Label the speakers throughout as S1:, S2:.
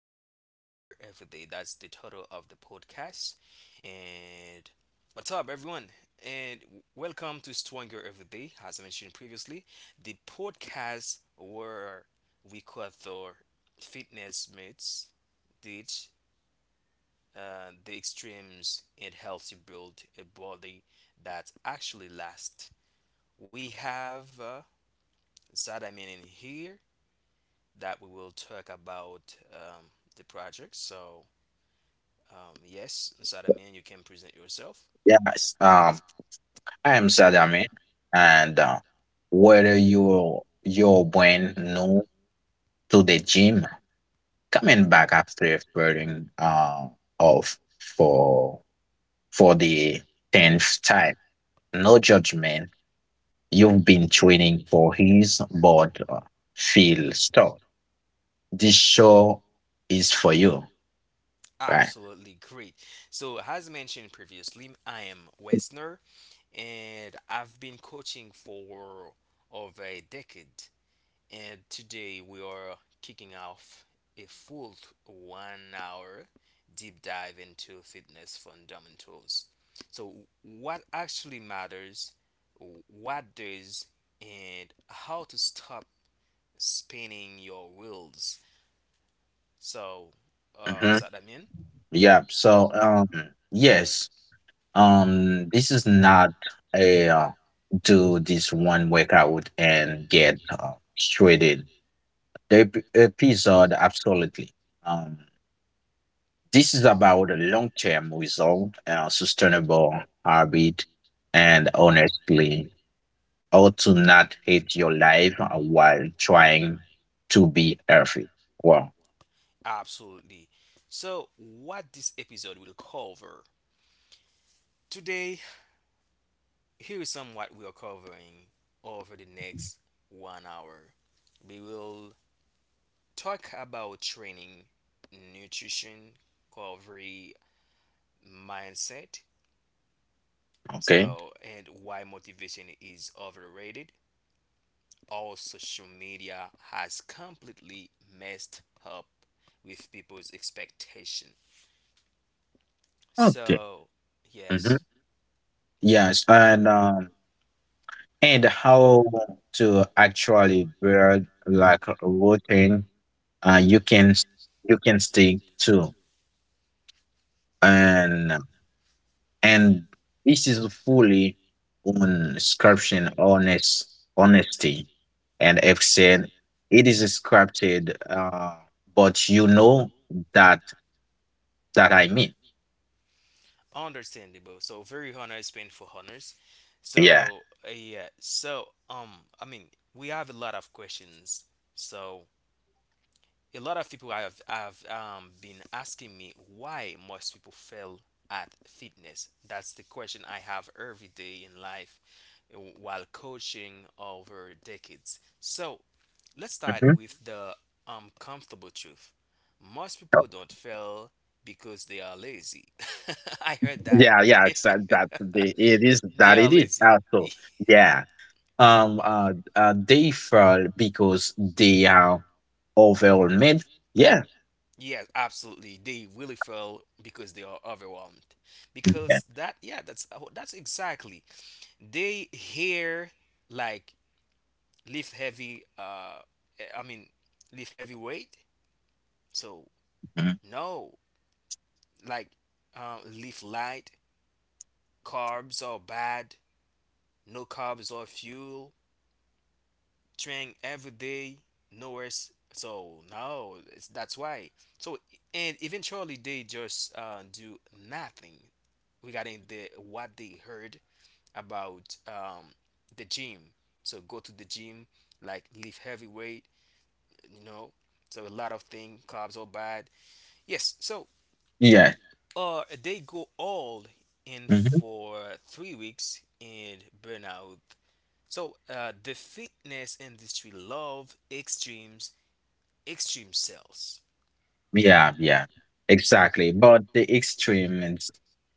S1: That's the title of the podcast. And what's up, everyone? And welcome to Stronger Every Day. As I mentioned previously, the podcast where we cover fitness myths, ditch the extremes, and helps you build a body that actually lasts. We have. Inside, I mean, in here that we will talk about the project. So, yes, inside, I mean, you can present yourself.
S2: Yes, I am Sadami, and whether you're brand new to the gym, coming back after burning off for the 10th time, no judgment. You've been training for his but feel stuck. This show is for you, right?
S1: Absolutely great. So, as mentioned previously, I am Westner and I've been coaching for over a decade. And today we are kicking off a full 1 hour deep dive into fitness fundamentals. So, what actually matters, what does, and how to stop spinning your wheels. So,
S2: Mm-hmm.
S1: does that mean?
S2: Yeah. So yes, this is not a do this one workout and get shredded. The episode absolutely. Um, this is about a long-term result, sustainable habit, and honestly, how to not hate your life while trying to be healthy. Wow.
S1: Absolutely. So, what this episode will cover today, here is some what we are covering over the next 1 hour. We will talk about training, nutrition, recovery, mindset,
S2: Okay.
S1: so and why motivation is overrated. All social media has completely messed up with people's expectation.
S2: Okay.
S1: So
S2: hmm
S1: yes,
S2: Yes, and and how to actually build like a routine uh, you can s- you can stick to and and this is fully on scription honest honesty and I've said it is scripted but you know that that I mean
S1: understandable. So very honest, painful honors.
S2: yeah.
S1: So yeah, so I mean, we have a lot of questions. So a lot of people have been asking me why most people fail at fitness. That's the question I have every day in life while coaching over decades. So let's start
S2: Mhm.
S1: with the uncomfortable truth. Most people don't fail because they are lazy. I heard that.
S2: Yeah, yeah, exactly that, it is
S1: They
S2: that
S1: are
S2: it is
S1: lazy.
S2: also. Yeah. They fall because they are overwhelmed. Yeah.
S1: Yes, absolutely. They really fail because they are overwhelmed.
S2: Yeah.
S1: Because that, yeah, that's oh, that's exactly. They hear like lift heavy. I mean, lift heavy weight. So
S2: Mhm.
S1: no, like lift light. Carbs are bad. No, carbs are fuel. Train every day nowhere so no it's, that's why so and eventually they just do nothing regarding the what they heard about the gym, so go to the gym like lift heavy weight, you know, so a lot of thing, carbs are bad, yes, so
S2: Yeah.
S1: they go all in
S2: Mhm.
S1: for 3 weeks and burnout. So the fitness industry love extremes, extreme sales.
S2: Yeah, yeah, exactly, but the extremes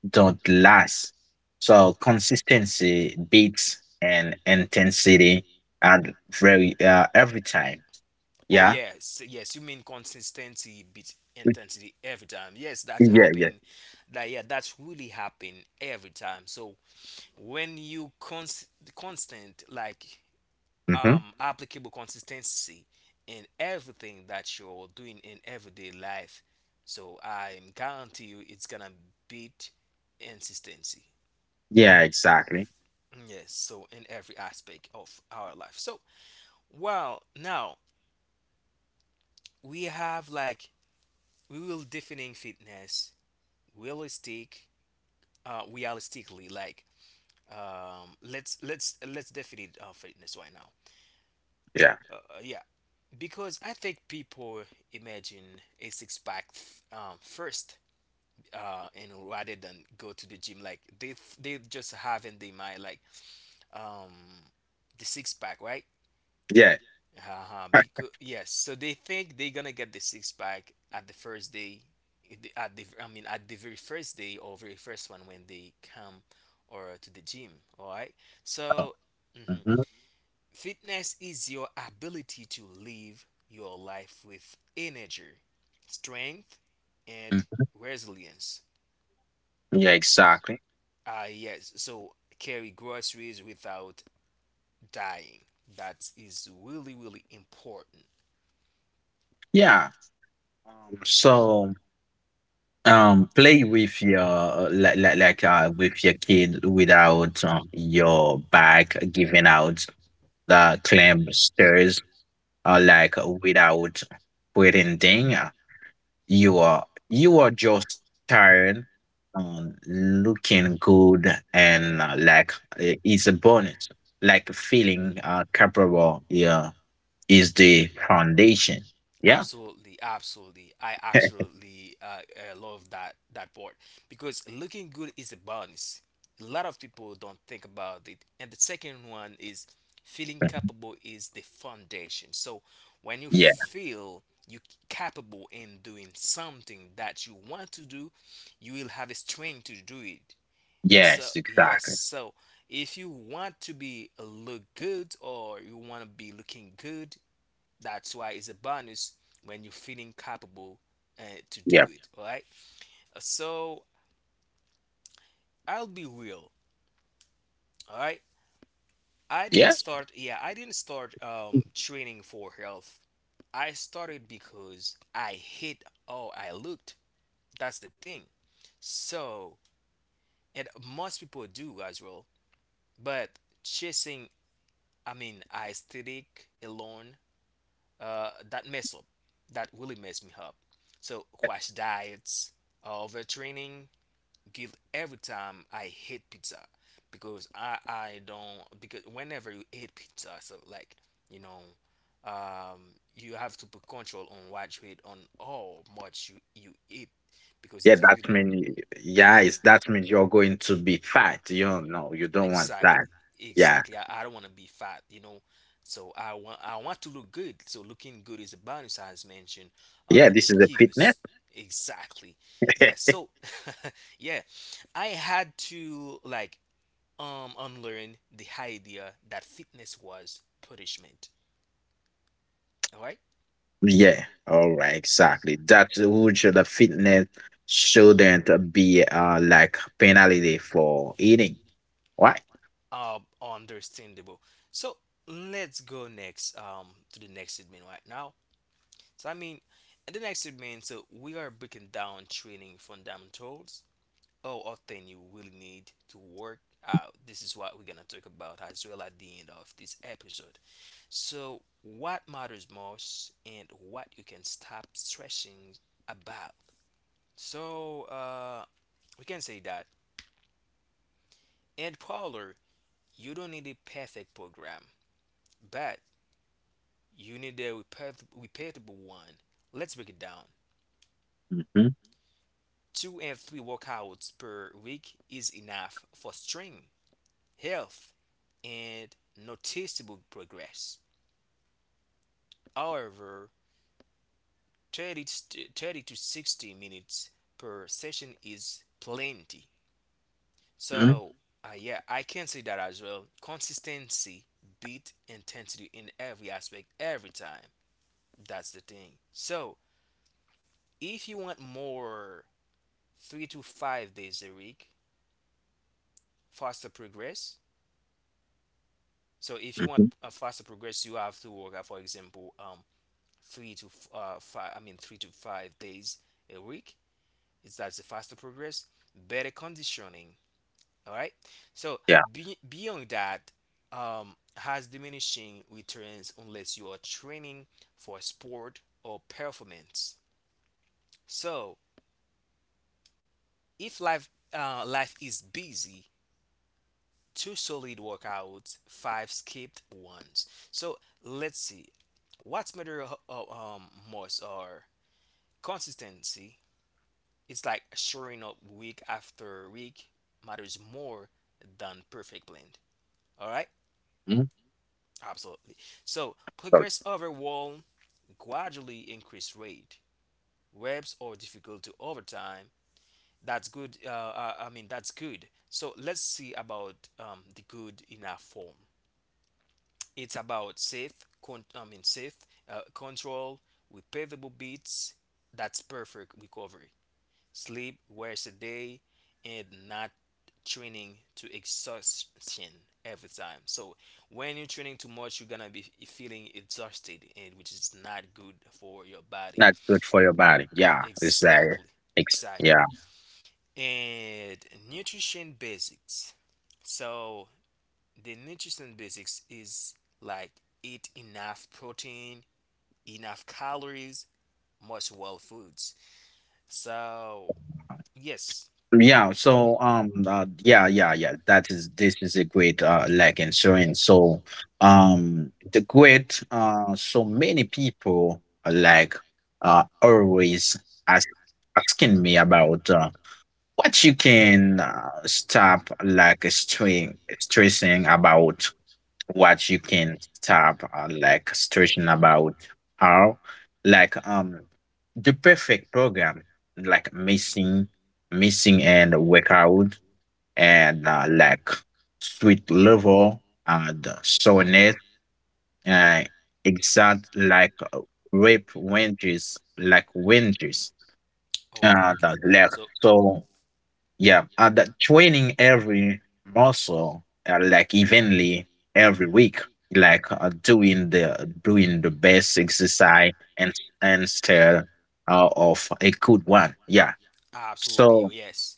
S2: don't last, so consistency beats and intensity at very every time.
S1: Oh
S2: Yeah.
S1: yes, yes. You mean consistency beat intensity every time. Yes, that
S2: Mm, yeah, yeah.
S1: happened. That yeah, that's really happened every time. So when you constant like
S2: Hmm.
S1: applicable consistency in everything that you're doing in everyday life, so I guarantee you it's gonna beat consistency.
S2: Yeah, exactly.
S1: Yes, so in every aspect of our life. So, well, now we have like we will defining fitness realistic realistically, like let's define fitness right now.
S2: Yeah,
S1: Yeah, because I think people imagine a six pack first and rather than go to the gym, like they just have in their mind like um the six pack, right?
S2: yeah.
S1: Uh-huh. Because yes, so they think they're gonna get the six pack at the first day, at the, I mean, at the very first day or very first one when they come or to the gym. All right. So mhm.
S2: Mhm.
S1: Fitness is your ability to live your life with energy, strength, and
S2: Mhm.
S1: resilience.
S2: Yeah, exactly.
S1: Ah yes. So carry groceries without dying. That is really really important.
S2: Yeah, so play with your like with your kid without your back giving out the clamp stairs or like without putting thing. You are just tired, looking good and like it's a bonus. Like feeling capable, yeah, is the foundation. Yeah.
S1: Absolutely, absolutely. I actually love that that part because looking good is a bonus. A lot of people don't think about it. And the second one is feeling capable is the foundation. So when you
S2: Yeah.
S1: feel you capable in doing something that you want to do, you will have a strength to do it. So
S2: Yes,
S1: yes,
S2: exactly.
S1: so if you want to be look good or you want to be looking good, that's why it's a bonus when you're feeling capable uh, to
S2: Yeah.
S1: do it. All right. So I'll be real. All right. I
S2: Yeah.
S1: didn't start. Yeah, I didn't start training for health. I started because I hate how I looked. That's the thing. So, and most people do as well. But chasing, I mean, aesthetic alone, that mess up. That really messed me up. So, crash diets, overtraining, guilt every time I hate pizza because I don't, because whenever you eat pizza, so like you know, you have to put control on what you eat, on how much you eat because
S2: Yeah,
S1: it's
S2: that
S1: really
S2: mean, yeah, it's that
S1: mhm.
S2: means you're going to be fat. You don't know, you don't want
S1: Exactly.
S2: that. Yeah.
S1: Exactly. I don't want to be fat, you know. So I want to look good. So looking good is a bonus, as mentioned
S2: Yeah,
S1: in the
S2: this is a fitness.
S1: previous. Exactly. Yeah. So yeah, I had to like unlearn the idea that fitness was punishment. All right.
S2: Yeah. All right, exactly. That would show the fitness shouldn't be like penalty for eating. Right?
S1: Understandable. So let's go next to the next segment right now. So I mean, in the next segment, so we are breaking down training fundamentals or a thing you really need to work out. This is what we're gonna talk about as well at the end of this episode. So, what matters most and what you can stop stressing about. So, we can say that. And Paula, you don't need a perfect program, but you need a repeatable one. Let's break it down.
S2: Mm-hmm.
S1: Two and three workouts per week is enough for strength, health, and noticeable progress. However, 30 to 60 minutes per session is plenty. So, yeah, I can say that as well. Consistency beat intensity in every aspect, every time. That's the thing. So, if you want more, 3 to 5 days a week, faster progress. So, if you
S2: Mm-hmm.
S1: want a faster progress, you have to work out, for example, three to 3 to 5 days a week. It's that's the faster progress, better conditioning. All right. So
S2: Yeah.
S1: beyond that, has diminishing returns unless you are training for sport or performance. So if life is busy, two solid workouts, five skipped ones. So let's see, what's matter most are consistency. It's like showing up week after week matters more than perfect blend. All right?
S2: Mhm.
S1: Absolutely. So,
S2: So
S1: progress over wall gradually increase rate. Webs are difficult to overtime. That's good. I mean, that's good. So, let's see about the good enough form. It's about safe, I mean, safe control with pavable beats. That's perfect recovery. Sleep wears a day and not training to exhaustion every time. So when you're training too much, you're gonna be feeling exhausted and which is not good for your body.
S2: not good for your body. Yeah. It's like
S1: Exactly.
S2: it's, yeah.
S1: Exactly. And nutrition basics. So the nutrition basics is like eat enough protein, enough calories, most well foods. So yes.
S2: Yeah, so That is this is a great like insurance. So the great so many people like always ask asking me about what you can stop like string stressing about what you can stop like stressing about how like the perfect program like missing and workout and like sweet level and
S1: Mhm.
S2: soreness, uh, exact like rape ranges like ranges
S1: Okay,
S2: and
S1: okay.
S2: like,
S1: So,
S2: so yeah, and that training every muscle like evenly every week, like doing the best exercise and still of a good one. Yeah.
S1: absolutely,
S2: So
S1: yes.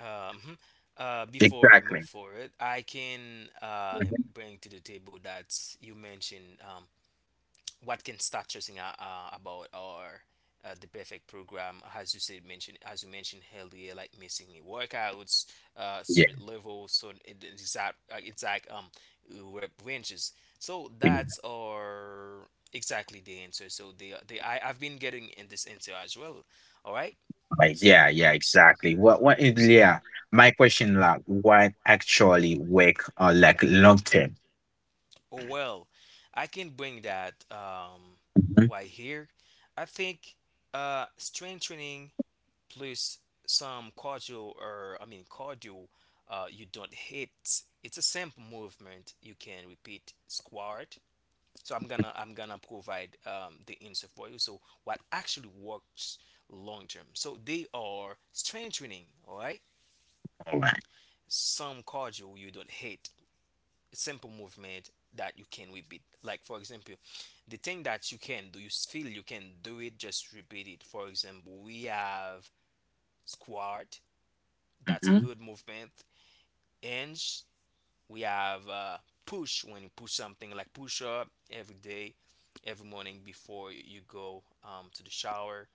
S1: Um, mhm. Before we move
S2: exactly.
S1: forward, I can
S2: Mhm.
S1: bring to the table that you mentioned what can start choosing about or the perfect program as you said mentioned, as you mentioned earlier, like missing the workouts,
S2: Yeah.
S1: straight level, so it, it's exact exact rep ranges, so
S2: we-
S1: that's our exactly the answer. So the I've been getting in this answer as well, all right.
S2: like, yeah. Yeah. Exactly. What? What? Yeah. My question, like, what actually work like long term?
S1: Oh, well, I can bring that
S2: Mhm.
S1: right here. I think strength training plus some cardio or I mean cardio you don't hit. It's a simple movement you can repeat squat. So I'm gonna provide the answer for you. So what actually works long term. So they are strength training, all right?
S2: All right.
S1: Some cardio you don't hate, simple movement that you can repeat. Like for example, the thing that you can do, you feel you can do it, just repeat it. For example, we have squat, that's a
S2: Mhm.
S1: good movement. Hinge, we have push, when you push something like push up every day, every morning before you go to the shower.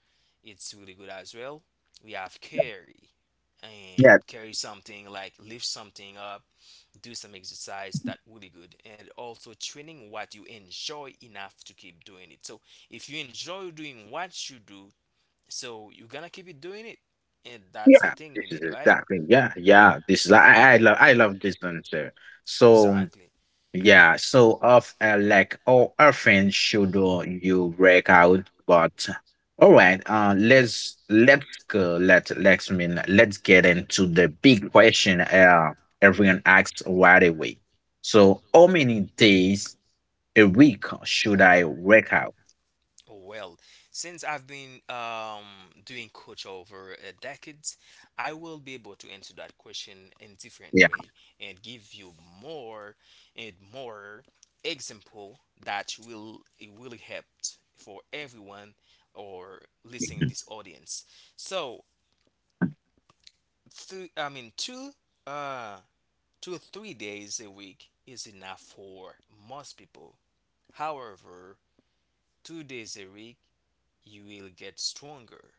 S1: It's really good as well. We have carry and
S2: Yeah.
S1: carry something like lift something up, do some exercise that really good, and also training what you enjoy enough to keep doing it. So if you enjoy doing what you do, so you're gonna keep it doing it, and that's the
S2: Yeah,
S1: thing
S2: this
S1: we
S2: is
S1: need, right?
S2: exactly, yeah, yeah. This is I love I love this dancer. So
S1: Exactly.
S2: yeah, so of like how often should you break out? But all right, let's go. Let let's mean let's get into the big question. Everyone asks right away. So how many days a week should I work out?
S1: Well, since I've been doing coach over decades, I will be able to answer that question in different
S2: Yeah.
S1: way and give you more and more example that will it really help for everyone or listening this audience. So, I mean, uh, 2 to 3 days a week is enough for most people. However, 2 days a week, you will get stronger,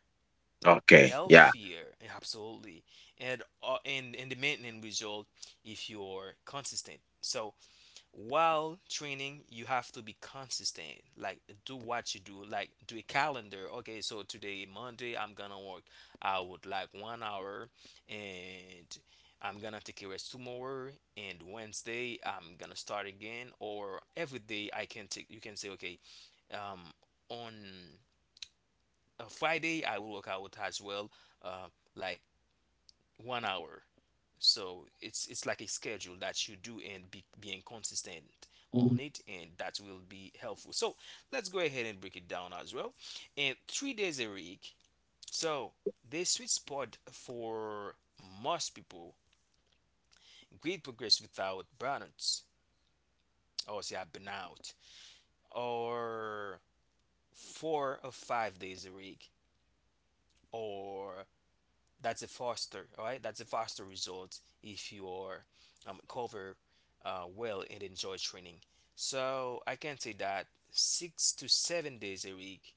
S2: Okay. Yeah.
S1: healthier, absolutely, and and the maintenance result if you're consistent. So while training you have to be consistent, like do what you do, like do a calendar. Okay, so today Monday I'm gonna work out like 1 hour, and I'm gonna take a rest tomorrow, and Wednesday I'm gonna start again. Or every day I can take, you can say okay, um on a Friday I will work out as well, uh, like 1 hour. So it's like a schedule that you do and being consistent on it, and that will be helpful. So let's go ahead and break it down as well. And 3 days a week, so the sweet spot for most people, great progress without burnouts. Or say I've, or 4 or 5 days a week, or that's a faster, all right, that's a faster result if you are cover well and enjoy training. So I can say that 6 to 7 days a week,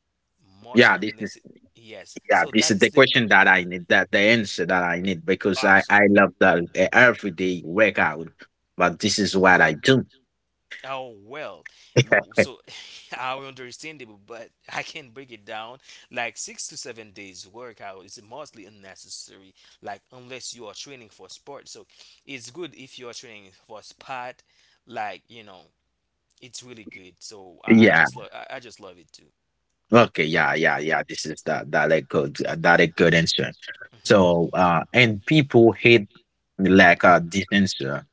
S1: most
S2: Yeah. This,
S1: unless it, yes,
S2: yeah,
S1: so
S2: this
S1: that
S2: is
S1: is
S2: the
S1: the
S2: question that I need, that the answer that I need because I
S1: absolutely.
S2: love the everyday workout, but this is what I do.
S1: Oh well, look, so I understandable, but I can break it down. Like 6 to 7 days workout is mostly unnecessary, like unless you are training for sport. So it's good if you are training for sport, like you know, it's really good. So I
S2: Yeah.
S1: just love I just love it too.
S2: Okay. Yeah. Yeah. Yeah. This is the that a good answer.
S1: Hmm.
S2: So and people hate like this answer,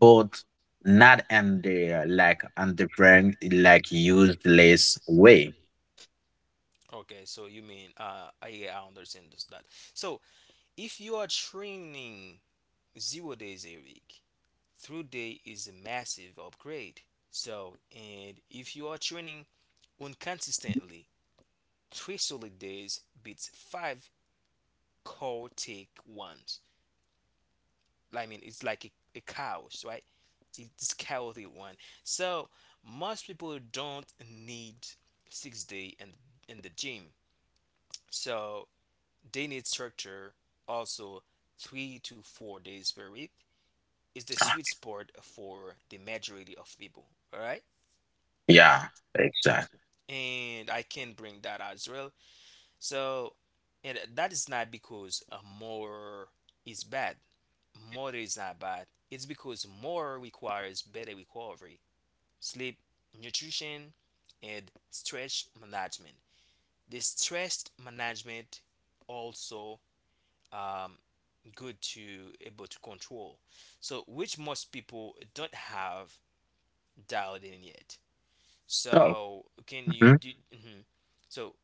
S2: but not in the like on the brand like useless way.
S1: Okay, so you mean I yeah, I understand this, that. So if you are training 0 days a week, three today is a massive upgrade. So, and if you are training inconsistently, three solid days beats five chaotic ones. I mean, it's like a chaos, right? It's chaotic one. So most people don't need 6 day and in the gym. So they need structure, also 3 to 4 days per week is the sweet spot for the majority of people. All right.
S2: Yeah. Exactly.
S1: And I can bring that as well. So, and that is not because more is bad. More is not bad. It's because more requires better recovery, sleep, nutrition, and stress management. The stress management also um, good to able to control. So, which most people don't have dialed in yet.
S2: So.
S1: So can you
S2: Mhm.
S1: do? Hmm. So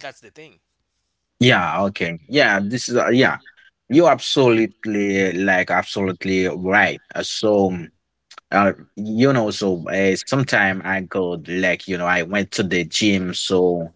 S1: that's the thing.
S2: Yeah. Okay. Yeah. This is yeah. You're absolutely, like, absolutely right. So, you know, so sometime I go like you know I went to the gym. So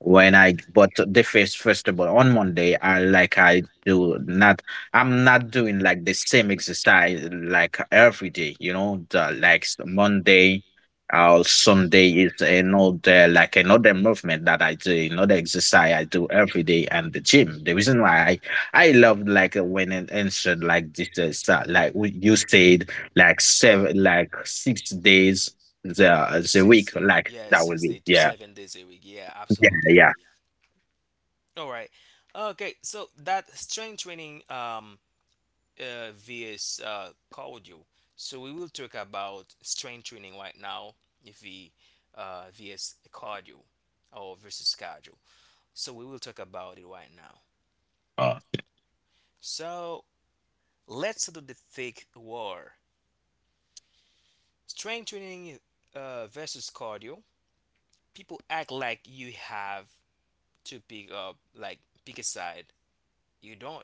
S2: when I but the first of all, on Monday I like I do not I'm not doing like the same exercise like every day. You know, the, Monday or Sunday is another like another movement that I do, another exercise I do every day and the gym. The reason why I love like when an answered like this like what you said like seven, like 6 days the
S1: Six
S2: week.
S1: day,
S2: Like
S1: yeah,
S2: that will
S1: six
S2: be
S1: day to
S2: yeah,
S1: 7 days a week. Yeah,
S2: yeah,
S1: absolutely.
S2: yeah.
S1: All right. Okay, so that strength training vs cardio. So we will talk about strength training right now. If we vs cardio, or versus cardio. So we will talk about it right now.
S2: Uh,
S1: So let's do the thick war. Strength training versus cardio. People act like you have to pick up, like pick a side. You don't.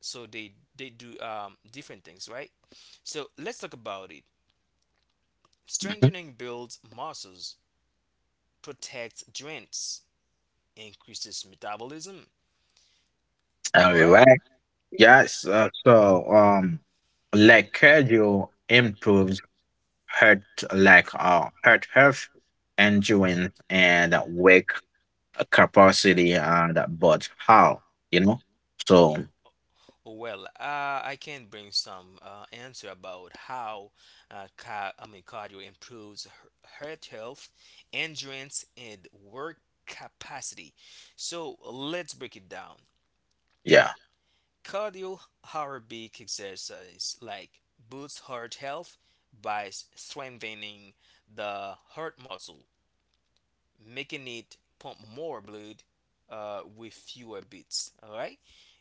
S1: So they do different things, right? So let's talk about it.
S2: Mhm.
S1: Strengthening builds muscles, protects joints, increases metabolism,
S2: All
S1: all right.
S2: right. Yes. Like cardio improves heart, like heart health, endurance, and work capacity, and but how you know? So
S1: Y- well I can bring some answer about how cardio improves heart health, endurance, and work capacity. So let's break it down.
S2: yeah,
S1: Cardio aerobic exercise like boosts heart health by strengthening the heart muscle, making it pump more blood with fewer beats. All right.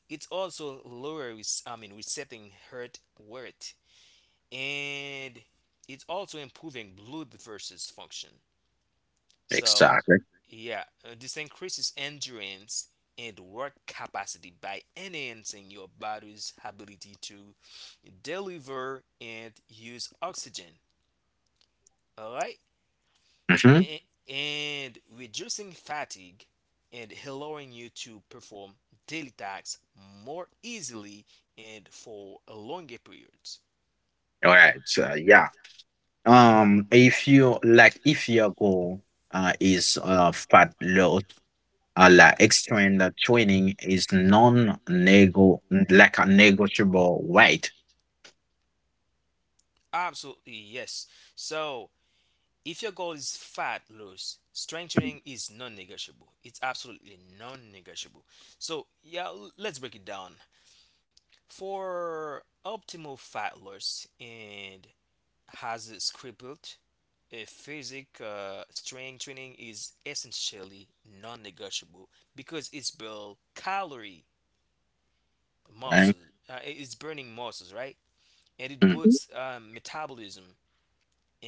S1: It also lowers, I mean, resetting heart rate, and it's also improving blood versus function. So,
S2: exactly.
S1: yeah, this increases endurance and work capacity by enhancing your body's ability to deliver and use oxygen. All right,
S2: Mm-hmm.
S1: A- and reducing fatigue and allowing you to perform daily tasks more easily and for a longer periods.
S2: All right. So yeah. If you like, if your goal is fat loss, like external training is non-nego, like a negotiable weight.
S1: Absolutely, yes. So, if your goal is fat loss, strength training is non negotiable. It's absolutely non negotiable. So, yeah, let's break it down. For optimal fat loss and has a crippled a physique, strength training is essentially non negotiable because it's built calorie
S2: Right?
S1: muscle, it's burning muscles, right? And it
S2: Mm,
S1: boosts metabolism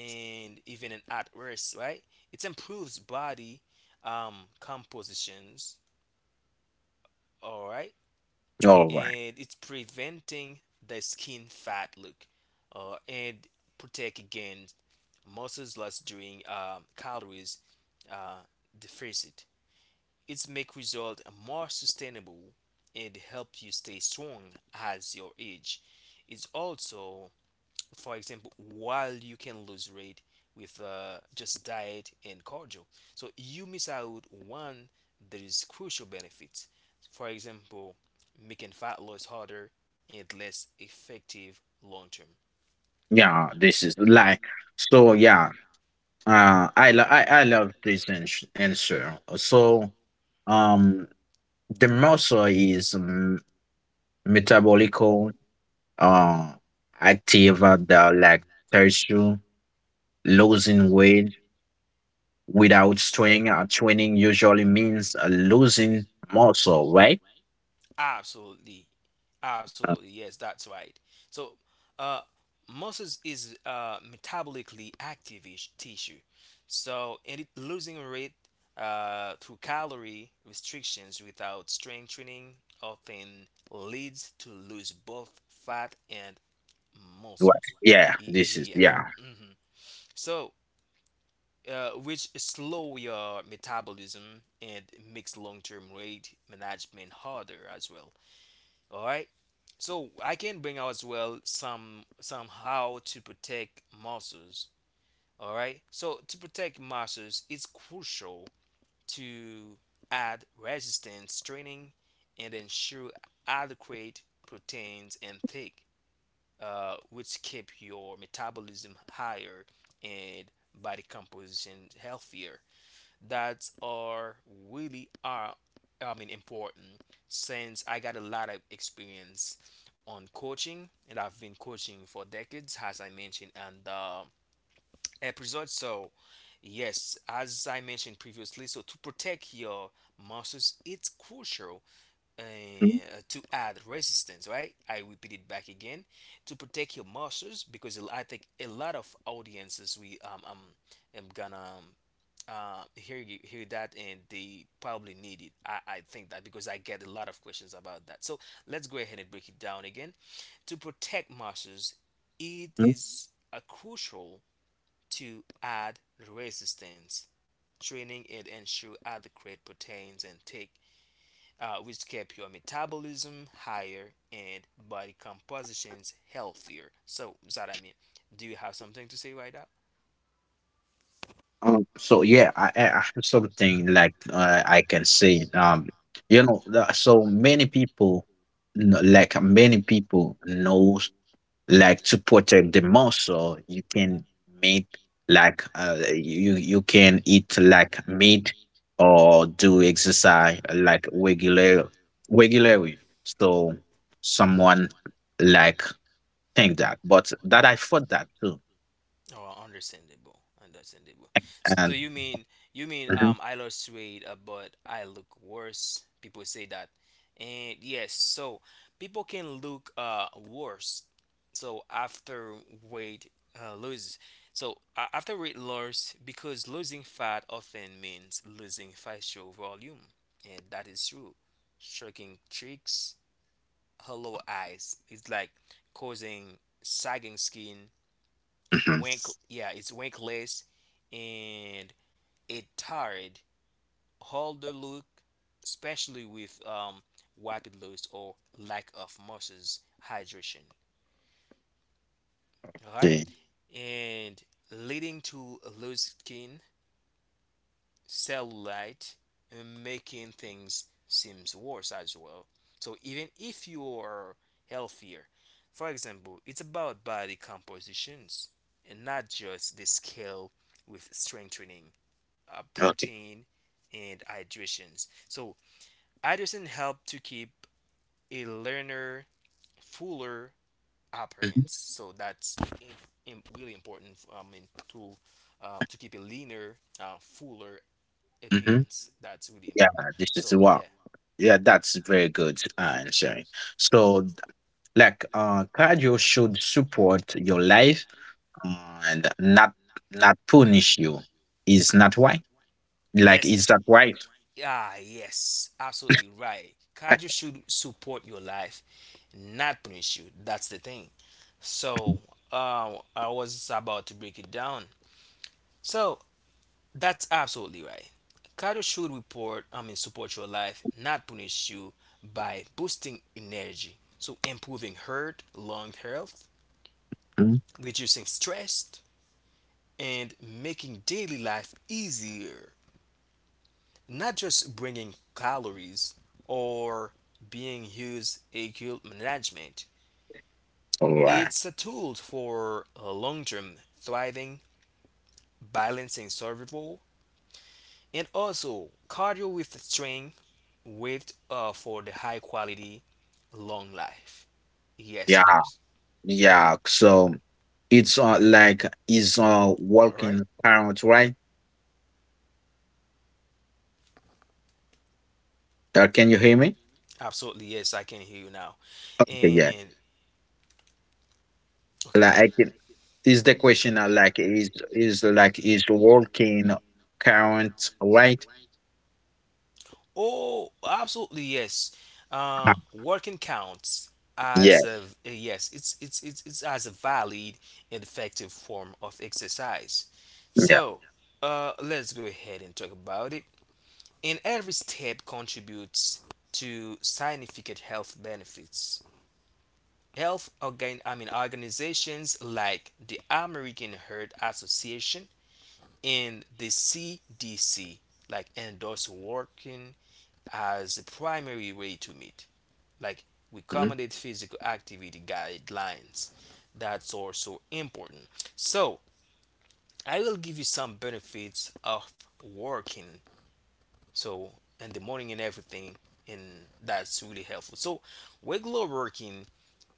S1: and even in at rest, right? It improves body um, compositions, all right,
S2: all right.
S1: and it's preventing the skin fat look, and protect against muscles loss during calories uh, deficit. It's make result more sustainable and help you stay strong as your age. It's also, for example, while you can lose weight with just diet and cardio. So you miss out one that is crucial benefits. For example, making fat loss harder and less effective long term.
S2: Yeah, this is like so. Yeah, I love this answer. So, um, the muscle is metabolical, uh, active at the like tissue. Losing weight without training usually means losing muscle, right?
S1: Absolutely, absolutely. Yes, that's right. So, uh, muscles is metabolically active ish tissue. So, and it losing weight through calorie restrictions without strength training often leads to lose both fat and
S2: Right.
S1: muscles.
S2: Yeah. This is
S1: Yeah.
S2: yeah.
S1: Hmm. So, which slow your metabolism and makes long-term weight management harder as well. All right. So I can bring out as well some somehow to protect muscles. All right. So to protect muscles, it's crucial to add resistance training and ensure adequate proteins intake, which keep your metabolism higher and body composition healthier, that are really are, I mean important, since I got a lot of experience on coaching and I've been coaching for decades as I mentioned and the episode. So yes, as I mentioned previously, so to protect your muscles it's crucial uh, to add resistance, right? I repeat it back again, to protect your muscles, because I think a lot of audiences we am gonna hear you hear that and they probably need it. I think that because I get a lot of questions about that. So let's go ahead and break it down again. To protect muscles, it is crucial to add resistance training and ensure adequate proteins intake, which keep your metabolism higher and body compositions healthier. So, is that I mean? Do you have something to say right now?
S2: So yeah, I have something like I can say. You know, so many people, like many people, knows like to protect the muscle. You can make like uh, you can eat like meat or do exercise like regularly. So someone like think that, but that I thought that too.
S1: Oh, understandable, understandable. So
S2: And
S1: you mean,
S2: Mhm.
S1: I lost weight, but I look worse. People say that, and yes, so people can look worse. So after weight lose, so after weight loss, because losing fat often means losing facial volume, and that is true. Shrinking cheeks, hollow eyes, it's like causing sagging skin.
S2: Mhm.
S1: Wink, yeah, it's winkless, and it tired holder look, especially with rapid loss or lack of muscles hydration, all right?
S2: Yeah,
S1: And leading to loose skin, cellulite, and making things seems worse as well. So even if you are healthier, for example, it's about body compositions and not just the scale, with strength training
S2: okay.
S1: protein and hydration. So hydration help to keep a learner fuller
S2: Mhm.
S1: appearance. So that's im- really important. I mean to keep a leaner, fuller
S2: Mhm.
S1: appearance. That's really
S2: Yeah,
S1: important.
S2: this is
S1: So
S2: what.
S1: yeah,
S2: Yeah, that's very good answering. So, like, cardio should support your life and not punish you. Is not why? Like,
S1: yes
S2: is
S1: is,
S2: that right?
S1: ah yes, absolutely right. Cardio should support your life, not punish you. That's the thing. So I was about to break it down. So that's absolutely right. Cardio should report, I mean, support your life, not punish you, by boosting energy. So, improving heart, lung health,
S2: Mm.
S1: reducing stress, and making daily life easier. Not just bringing calories or being used acute management.
S2: All right.
S1: It's a tool for long term thriving, balancing survival, and also cardio with strength with for the high quality long life. Yes,
S2: Yeah,
S1: it is.
S2: yeah. So it's like is
S1: All right.
S2: walking parent, right? Can you hear me?
S1: Absolutely yes, I can hear you now.
S2: Okay, yeah.
S1: And okay.
S2: Like, I can, is the question like is walking current, right?
S1: Oh, absolutely yes.
S2: Ah,
S1: Working counts
S2: yeah,
S1: as a yes. It's as a valid and effective form of exercise.
S2: yeah.
S1: So, let's go ahead and talk about it. And every step contributes to significant health benefits. Health organ, I mean organizations, like the American Heart Association and the CDC like endorse working as a primary way to meet like recommended physical activity guidelines. That's also important. So I will give you some benefits of working. So in the morning and everything, and that's really helpful. So regular working,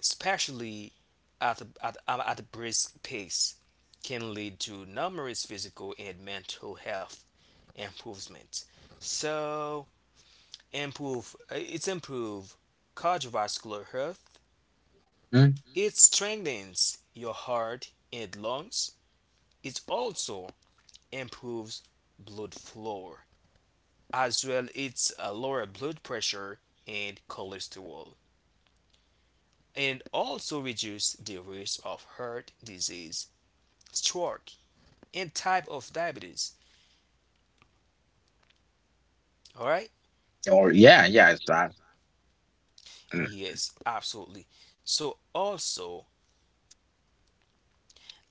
S1: especially at at, at a brisk pace, can lead to numerous physical and mental health improvements. So, improve it's improve cardiovascular health.
S2: Mm.
S1: It strengthens your heart and lungs. It also improves blood flow, as well it's lower blood pressure and cholesterol, and also reduce the risk of heart disease, stroke, and type of diabetes. All right?
S2: Or yeah, yeah, it's that. Mm.
S1: Yes, absolutely. So also,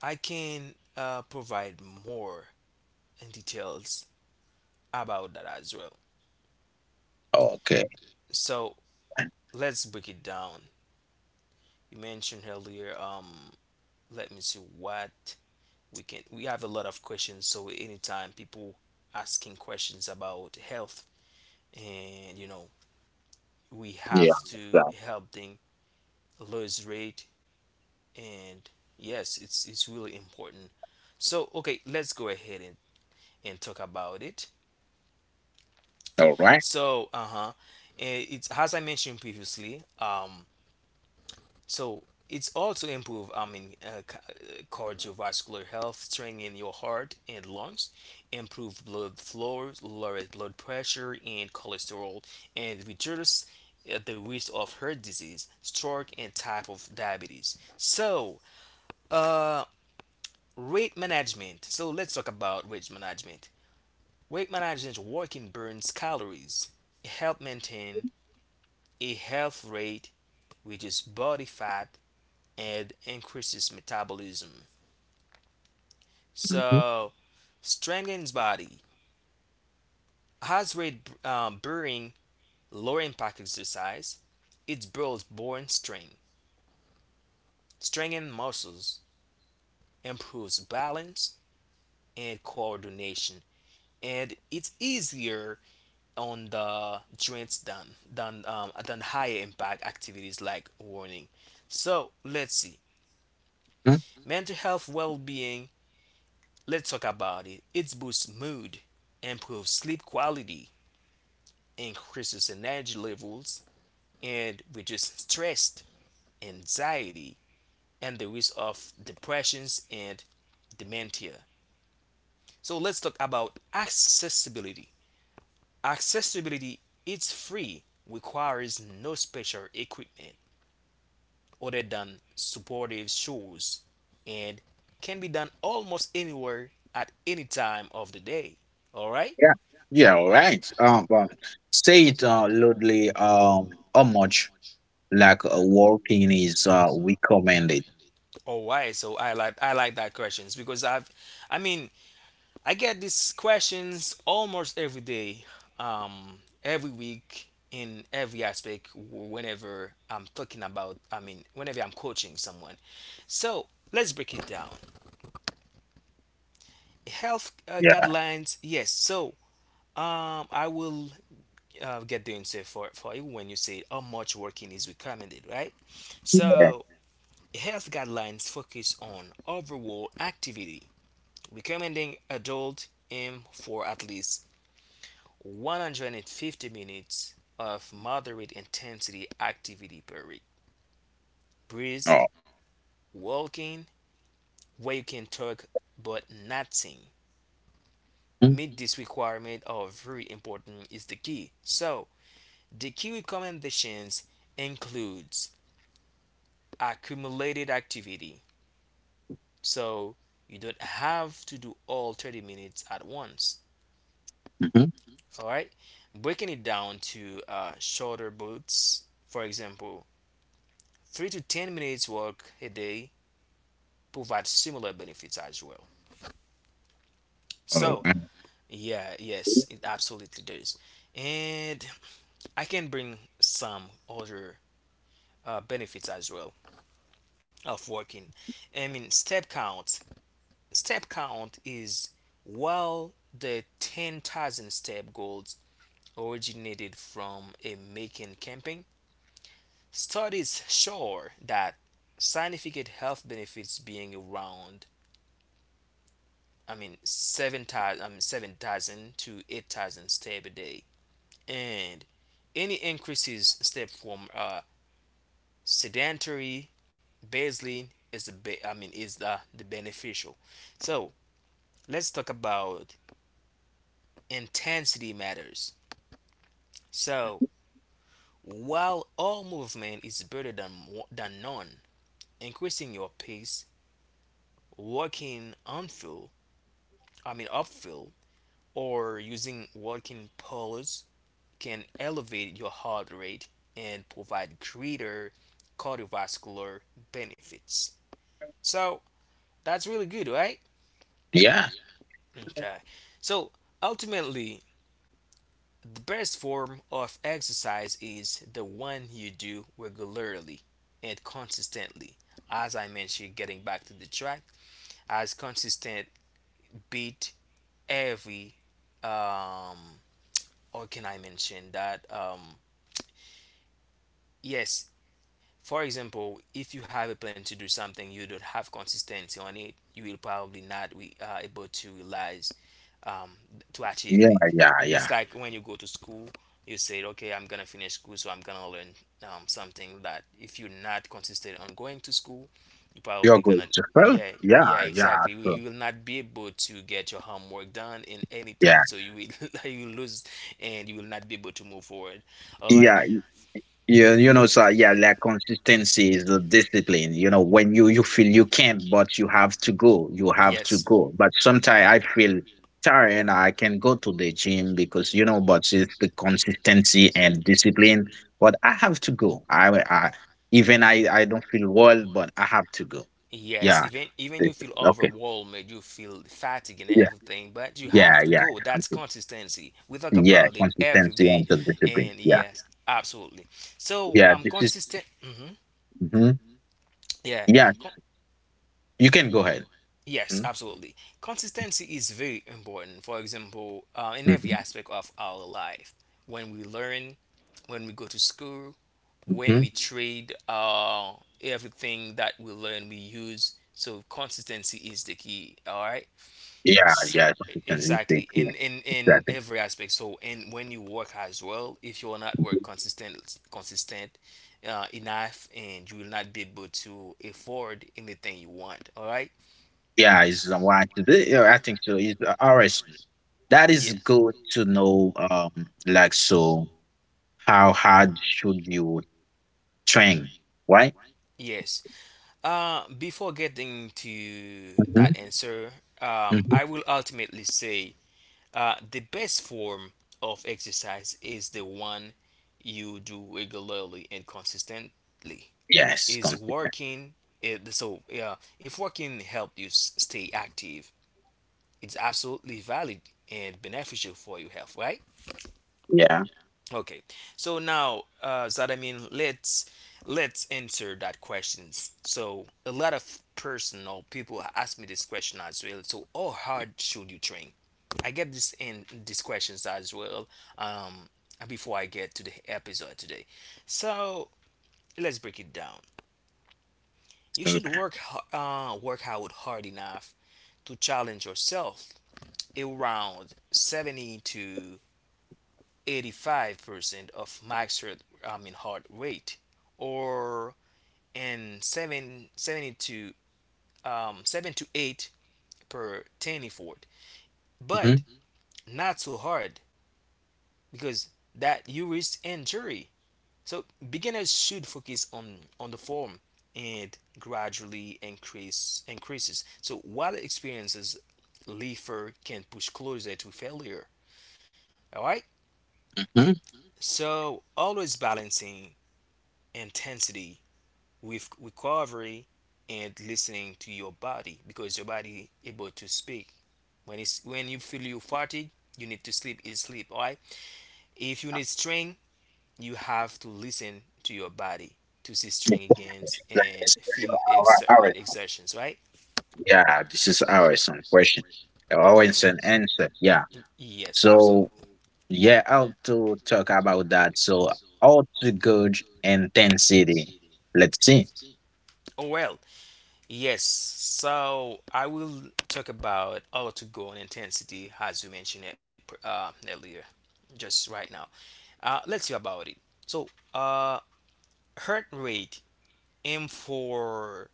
S1: I can provide more details about that as well.
S2: Okay.
S1: So let's break it down. You mentioned earlier. Let me see what we can. We have a lot of questions. So anytime people asking questions about health, and you know, we
S2: Yeah.
S1: have to
S2: That.
S1: help them lose weight. And yes, it's really important. So okay, let's go ahead and talk about it.
S2: All right.
S1: So uh-huh. And it's as I mentioned previously. So it's also improve, I mean cardiovascular health, strengthen your heart and lungs, improve blood flow, lower blood pressure and cholesterol, and reduce the risk of heart disease, stroke, and type of diabetes. So um weight management. So let's talk about weight management. Weight management working burns calories, help maintain a health rate, reduce body fat, and increases metabolism.
S2: Mhm.
S1: So strengthens body. Has rate burning low impact exercise. It builds bone strength, strengthens muscles, improves balance and coordination, and it's easier on the joints than than higher impact activities like running. So let's see.
S2: Mm.
S1: Mental health well-being. Let's talk about it. It boosts mood, improves sleep quality, increases energy levels, and reduces stress, anxiety, and the risk of depressions and dementia. So let's talk about accessibility. Accessibility, it's free, requires no special equipment other than supportive shores, and can be done almost anywhere at any time of the day. All right?
S2: Yeah. Yeah. All right. But say it loudly. How much like walking is recommended?
S1: All right. So I like that questions because I mean, I get these questions almost every day, every week in every aspect whenever I'm talking about I mean, whenever I'm coaching someone. So, let's break it down. Health
S2: Yeah.
S1: guidelines. Yes. So, I will get the answer for you when you say how much working is recommended, right? So, health guidelines focus on overall activity, recommending adult aim for at least 150 minutes of moderate intensity activity per week.
S2: Oh.
S1: Brisk walking, where you can talk but not sing.
S2: Mm.
S1: Meet this requirement are very important is the key. So, the key recommendations includes accumulated activity. So you don't have to do all 30 minutes at once.
S2: Mhm.
S1: All right. Breaking it down to shorter bouts, for example, 3 to 10 minutes work a day provides similar benefits as well.
S2: All
S1: So,
S2: right.
S1: yeah, yes, it absolutely does. And I can bring some other benefits as well of working. I mean, step count. Step count is while the 10,000 step goals originated from a making camping. Studies show that significant health benefits being around 7,000 to 8,000 steps a day. And any increases step from sedentary baseline is the be- I mean is the beneficial. So let's talk about intensity matters. So while all movement is better than none, increasing your pace, walking uphill I mean uphill or using walking poles can elevate your heart rate and provide greater cardiovascular benefits. So that's really good, right?
S2: Yeah.
S1: Okay. So ultimately, the best form of exercise is the one you do regularly and consistently. As I mentioned, getting back to the track, as consistent beat every um or can I mention that yes, for example, if you have a plan to do something you don't have consistency on it you will probably not be able to realize, um, to achieve
S2: Yeah.
S1: it.
S2: Yeah.
S1: It's
S2: Yeah.
S1: like when you go to school, you say, okay, I'm gonna finish school, so I'm gonna learn something that if you're not consistent on going to school, you're probably
S2: You're
S1: gonna,
S2: going to fail.
S1: yeah,
S2: Yeah.
S1: yeah,
S2: Yeah.
S1: exactly. You,
S2: So,
S1: you will not be able to get your homework done in
S2: yeah.
S1: anything, so you will you will lose, and you will not be able to move forward. All right.
S2: Yeah. Yeah, you know, so yeah, like consistency is the discipline. You know, when you feel you can't, but you have to go, you have to
S1: Yes.
S2: go. But sometimes I feel tired and I can go to the gym because you know, but it's the consistency and discipline. But I have to go. I Even I don't feel well, but I have to go.
S1: Yes,
S2: Yeah.
S1: even
S2: this-
S1: you feel
S2: Okay.
S1: overwhelmed, you feel fatigue and
S2: Yeah.
S1: everything, but you have
S2: Yeah.
S1: to
S2: Yeah.
S1: go. That's
S2: Okay.
S1: consistency. We talk
S2: Yeah.
S1: about it every
S2: Consistency
S1: day,
S2: and the discipline.
S1: and
S2: Yeah.
S1: yes, absolutely. So
S2: Yeah. This is.
S1: consistent. Hmm,
S2: Mhm.
S1: yeah.
S2: Yeah.
S1: Con-
S2: You can go ahead.
S1: yes,
S2: Mhm.
S1: absolutely. Consistency is very important. For example, in every
S2: Mhm.
S1: aspect of our life, when we learn, when we go to school, when
S2: Mhm.
S1: we trade, everything that we learn, we use. So consistency is the key. All right.
S2: Yeah,
S1: So
S2: yeah, it's something in
S1: exactly
S2: the same.
S1: in in
S2: Exactly.
S1: every aspect. So and when you work as well, if you are not work consistent enough, and you will not be able to afford anything you want. All right.
S2: Yeah, it's why I did it. Yeah, I think so. It's all right. So that is
S1: Yeah.
S2: good to know. Like so, how hard should you train, right?
S1: Yes. Before getting to
S2: Mm-hmm.
S1: that answer,
S2: Mm-hmm.
S1: I will ultimately say the best form of exercise is the one you do regularly and consistently.
S2: Yes,
S1: Is
S2: come.
S1: working it, so yeah, if working helped you stay active, it's absolutely valid and beneficial for your health, right?
S2: Yeah.
S1: Okay, so now, so that I mean let's answer that questions. So a lot of person or people ask me this question as well. So how hard should you train? I get this in these questions as well. um Before I get to the episode today, so let's break it down. You should
S2: so-
S1: work work out hard enough to challenge yourself. Around 70 to 85% of max heart, I mean heart rate, or in 7 70 to 7 to 8 per 10 effort.
S2: Mhm.
S1: But not so hard because that you risk injury. So beginners should focus on the form and gradually increase increases. So while experiences leafer can push closer to failure. All right.
S2: Mhm.
S1: So always balancing intensity with recovery and listening to your body, because your body is able to speak. When it's when you feel you fatigue, you need to sleep is sleep, all right? If you need strength, you have to listen to your body to see strength against
S2: Like,
S1: and
S2: this is
S1: feel
S2: our, our,
S1: exertions, right?
S2: yeah, this is our some question. Our an
S1: Mhm.
S2: answer. Yeah.
S1: Yes,
S2: So
S1: absolutely.
S2: yeah, how to talk about that. So how to gauge intensity. Let's see.
S1: Oh well, yes. So I will talk about how to go on intensity as you mentioned it earlier, just right now. Let's hear about it. So, uh, heart rate aim for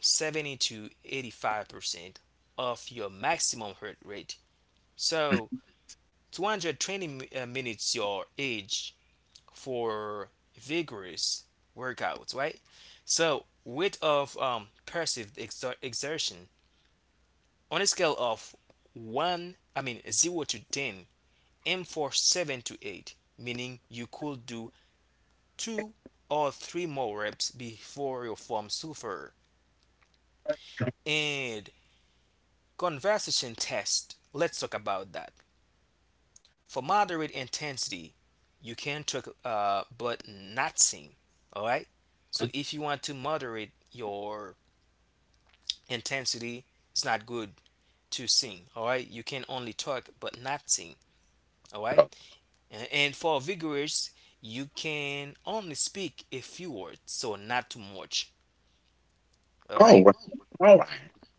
S1: 70 to 85% of your maximum heart rate. So 220 minutes your age for vigorous workouts, right? So, weight of perceived exer- exertion on a scale of 1, I mean 0 to 10, aim for 7 to 8, meaning you could do 2 or 3 more reps before your form suffer. And conversation test, let's talk about that. For moderate intensity, you can talk, but not sing. All right. So if you want to moderate your intensity, it's not good to sing. All right. You can only talk, but not sing. All right.
S2: Oh,
S1: And for vigorous, you can only speak a few words, so not too much. All
S2: all
S1: right.
S2: right, all right.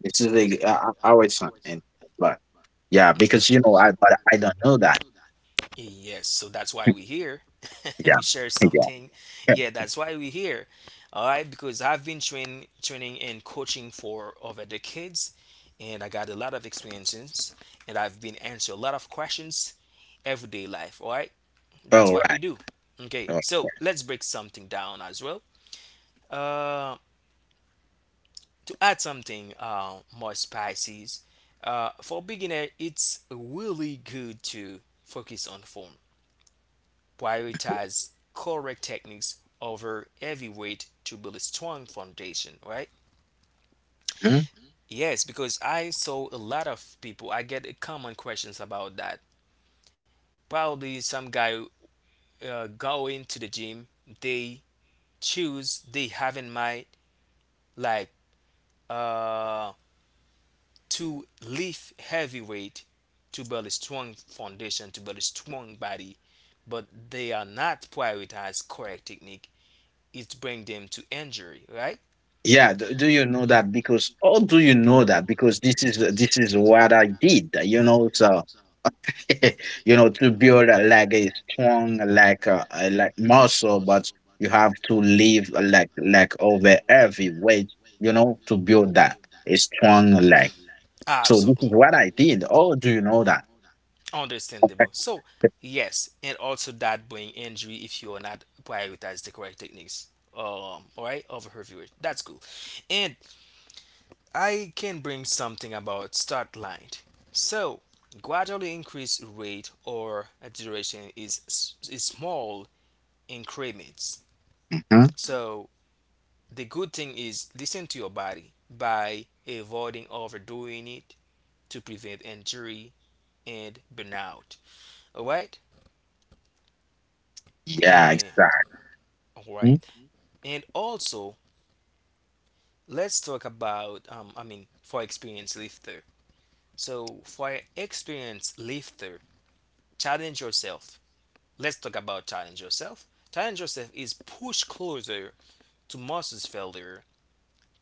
S2: This is like our son, and but yeah, because you know, I
S1: Mhm.
S2: but I don't know that.
S1: That. Yes, so that's why we here.
S2: Yeah,
S1: We share
S2: yeah.
S1: something.
S2: Yeah.
S1: Yeah, that's why we here. All right, because I've been training and coaching for over decades, and I got a lot of experiences, and I've been answer a lot of questions everyday life. All right, that's
S2: All
S1: what we
S2: right.
S1: do. Okay,
S2: All right.
S1: so let's break something down as well. Uh, to add something more spices, for beginner it's really good to focus on form, prioritize correct techniques over heavy weight to build a strong foundation, right?
S2: Mhm.
S1: Yes, because I saw a lot of people. I get common questions about that. Probably some guy going to the gym, they choose, they have in mind, like, um to lift heavy weight to build a strong foundation, to build a strong body, but they are not prioritized correct technique. It bring them to injury, right?
S2: Yeah. Do, do you know that? Because oh, do you know that? Because this is what I did. You know, so you know to build a, like a strong like muscle, but you have to live uh, like over heavy weight. You know to build that a strong leg. So this is
S1: Absolutely
S2: what I did. Oh, do you know that? Okay.
S1: understandable. So yes, and also that bring injury if you are not prioritize the correct techniques. All right, over her viewer. That's cool. And I can bring something about start line. So, gradually increase rate or duration is small increments.
S2: Mhm.
S1: So, the good thing is listen to your body by avoiding overdoing it to prevent injury and burnout. All right?
S2: Yeah,
S1: And
S2: exactly.
S1: all right. And also, let's talk about, for experienced lifter. So, for experienced lifter, challenge yourself. Let's talk about challenge yourself. Challenge yourself is push closer to Moses' failure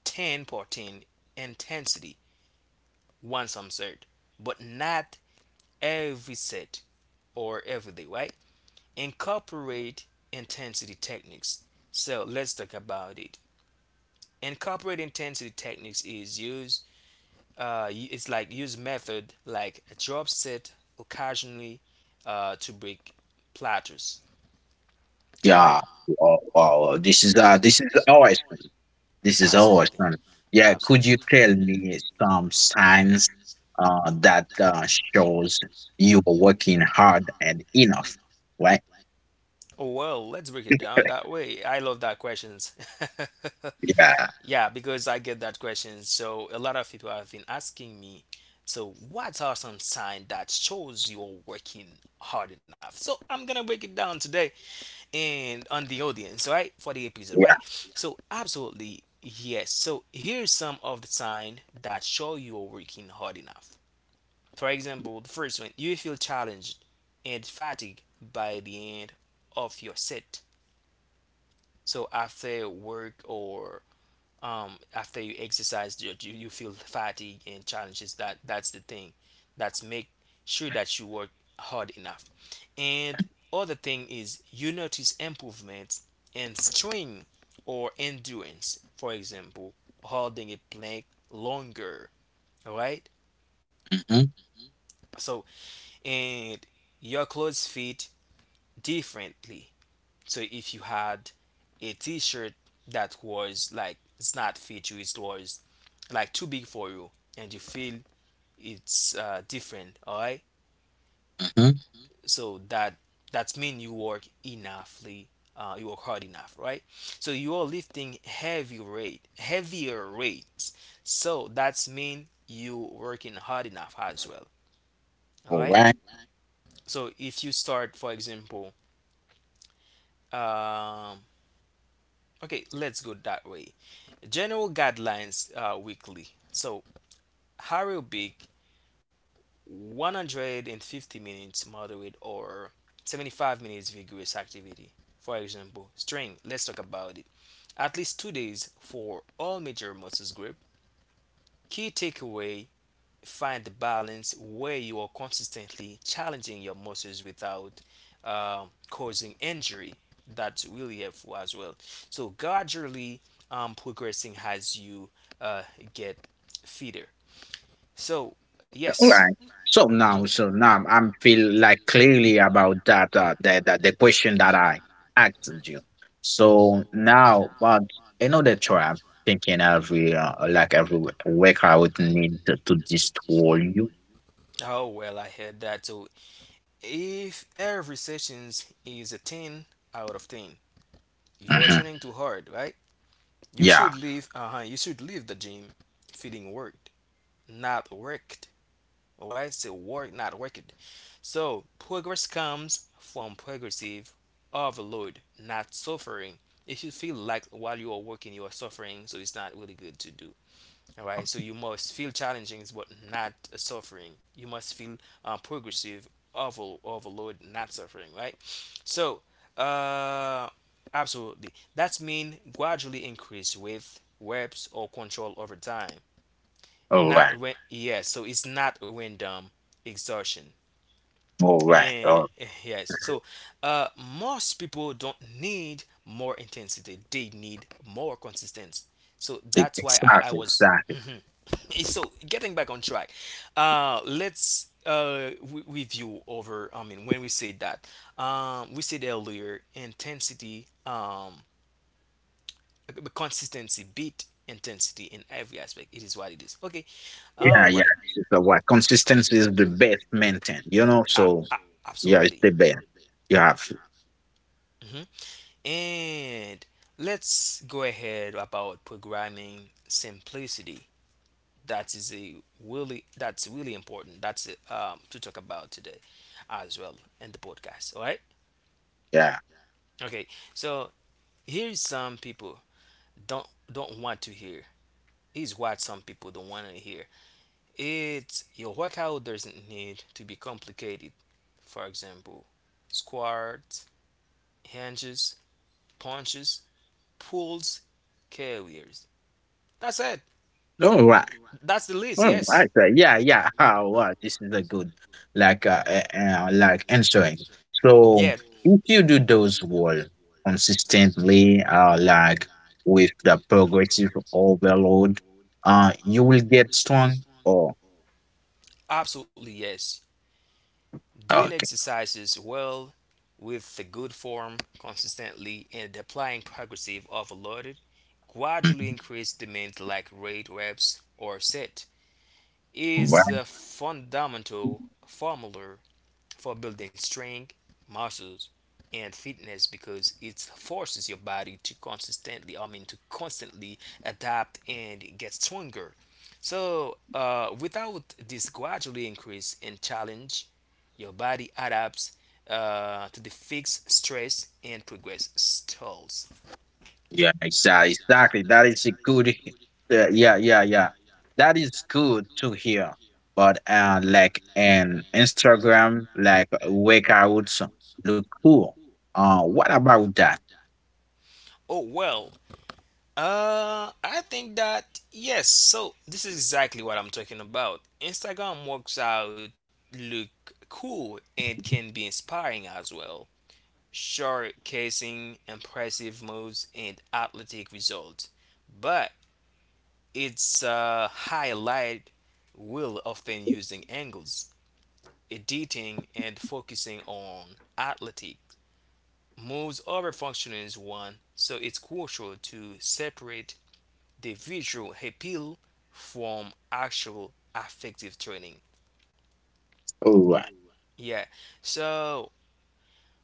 S1: 10 14 intensity once I'm set, but not every set or every day, right? Incorporate intensity techniques. So let's talk about it. Incorporate intensity techniques is use, it's like use method like a drop set occasionally to break plateaus. All right.
S2: Yeah. Oh, wow. This is awesome. This is
S1: Absolutely.
S2: awesome.
S1: Yeah,
S2: Yeah. Could you
S1: absolutely.
S2: tell me some signs that shows you are working hard and enough? Right.
S1: Well, let's break it down that way. I love that questions.
S2: Yeah.
S1: Yeah, because I get that question. So a lot of people have been asking me, so what are some signs that shows you're working hard enough? So I'm gonna break it down today and on the audience, right? For the episode,
S2: Yeah.
S1: right? So absolutely yes. So here's some of the signs that show you're working hard enough. For example, the first one, you feel challenged and fatigued by the end of your set. So after work or after you exercise, you feel fatigued and challenges. That's the thing. That's make sure that you work hard enough. And other thing is you notice improvements in strength or endurance. For example, holding a plank longer. All right.
S2: Hmm.
S1: So and your clothes fit differently. So if you had a t-shirt that was like it's not fit you, it was like too big for you, and you feel it's different, all right?
S2: Hmm.
S1: So that's mean you work enoughly, you work hard enough, right? So you are lifting heavier rates. So that's mean you working hard enough as well, all
S2: All
S1: right?
S2: right.
S1: So if you start, for example, um, okay, let's go that way. General guidelines weekly. So aerobic 150 minutes moderate or 75 minutes vigorous activity. For example, strength, let's talk about it. At least 2 days for all major muscles group. Key takeaway find the balance where you are consistently challenging your muscles without causing injury. That's really helpful as well. So gradually progressing as you uh, get fitter. So
S2: All
S1: yes.
S2: right. So
S1: So mhm.
S2: now, so now I'm feel like clearly about that the question that I asked you. So now, but another try I'm thinking every week I would need to destroy you.
S1: Oh well, I heard that. So if every sessions is a 10 out of 10, you are
S2: Hmm.
S1: training too hard, right? You
S2: Yeah.
S1: should leave. Uh huh. You should leave the gym feeling worked, not worked. Why say work, not worked? So progress comes from progressive overload, not suffering. If you feel like while you are working you are suffering, so it's not really good to do. All right, so you must feel challenging, but not suffering. You must feel progressive overload, not suffering. Right. So, uh, absolutely. That's mean gradually increase with reps or control over time.
S2: All right.
S1: Not when yes. So it's not random exhaustion.
S2: All right.
S1: And
S2: Oh,
S1: yes, uh, most people don't need more intensity; they need more consistency. So that's why I
S2: exactly.
S1: was.
S2: Exactly.
S1: Mhm. So getting back on track, let's review over. I mean, when we said that, we said earlier intensity, consistency beat intensity in every aspect. It is what it is. Okay,
S2: Yeah.
S1: oh,
S2: Yeah.
S1: right, yeah.
S2: This is the why consistency is the best maintain. You know.
S1: Ah,
S2: So
S1: ah,
S2: yeah, it's
S1: absolutely.
S2: the best. You have.
S1: Mhm. And let's go ahead about programming simplicity. That is a really important. That's to talk about today as well in the podcast. All right.
S2: Yeah.
S1: Okay. So here's some people don't want to hear. Is what some people don't want to hear. It's your workout doesn't need to be complicated. For example, squats, hinges, punches, pulls, carriers. That's it.
S2: All right.
S1: That's the list.
S2: Oh, I
S1: Yes. Oh,
S2: say,
S1: I
S2: yeah,
S1: say, yeah,
S2: yeah.
S1: yeah.
S2: Oh,
S1: Ah,
S2: wow, this
S1: wow,
S2: is a
S1: this is
S2: good,
S1: like good.
S2: like answering.
S1: Yeah,
S2: So,
S1: so,
S2: if you do those work consistently, like with the progressive overload, you will get strong. Oh,
S1: absolutely yes. Doing
S2: okay.
S1: exercises well with the good form consistently and applying progressive overloaded gradually
S2: Mhm.
S1: increased demands like rate reps or set is a fundamental formula for building strength, muscles, and fitness because it forces your body to consistently, I mean, to constantly adapt and get stronger. Without this gradually increase in challenge, your body adapts to the fixed stress and progress stalls.
S2: Yeah, exactly, exactly. That is a good. Yeah, yeah, yeah, yeah. That is good to hear. But like an Instagram, like workouts look cool. What about that?
S1: Oh well, I think that yes. So this is exactly what I'm talking about. Instagram works out look cool and can be inspiring as well. Showcasing impressive moves and athletic results, but its highlight will often using angles, editing, and focusing on athletic moves over functioning is one. So it's crucial to separate the visual appeal from actual affective training.
S2: All right,
S1: Yeah, so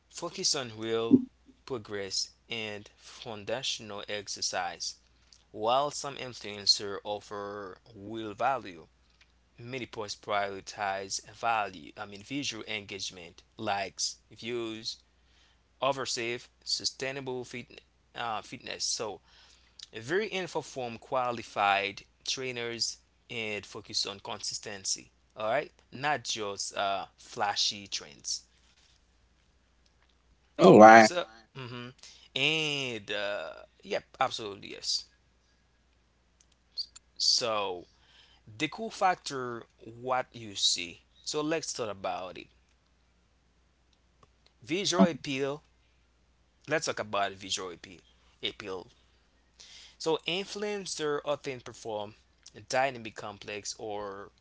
S1: focus on real progress and foundational exercise. While some influencers offer real value, many posts prioritize value, I mean visual engagement, likes, views, over safe, sustainable fit, fitness. So very info from qualified trainers and focus on consistency. All right, not just flashy trends.
S2: all right.
S1: So, mhm, and yep, absolutely yes. So the cool factor, what you see. So let's talk about it. Visual
S2: Um,
S1: appeal. Let's talk about visual appeal. Appeal. So influencer often perform dynamic complex or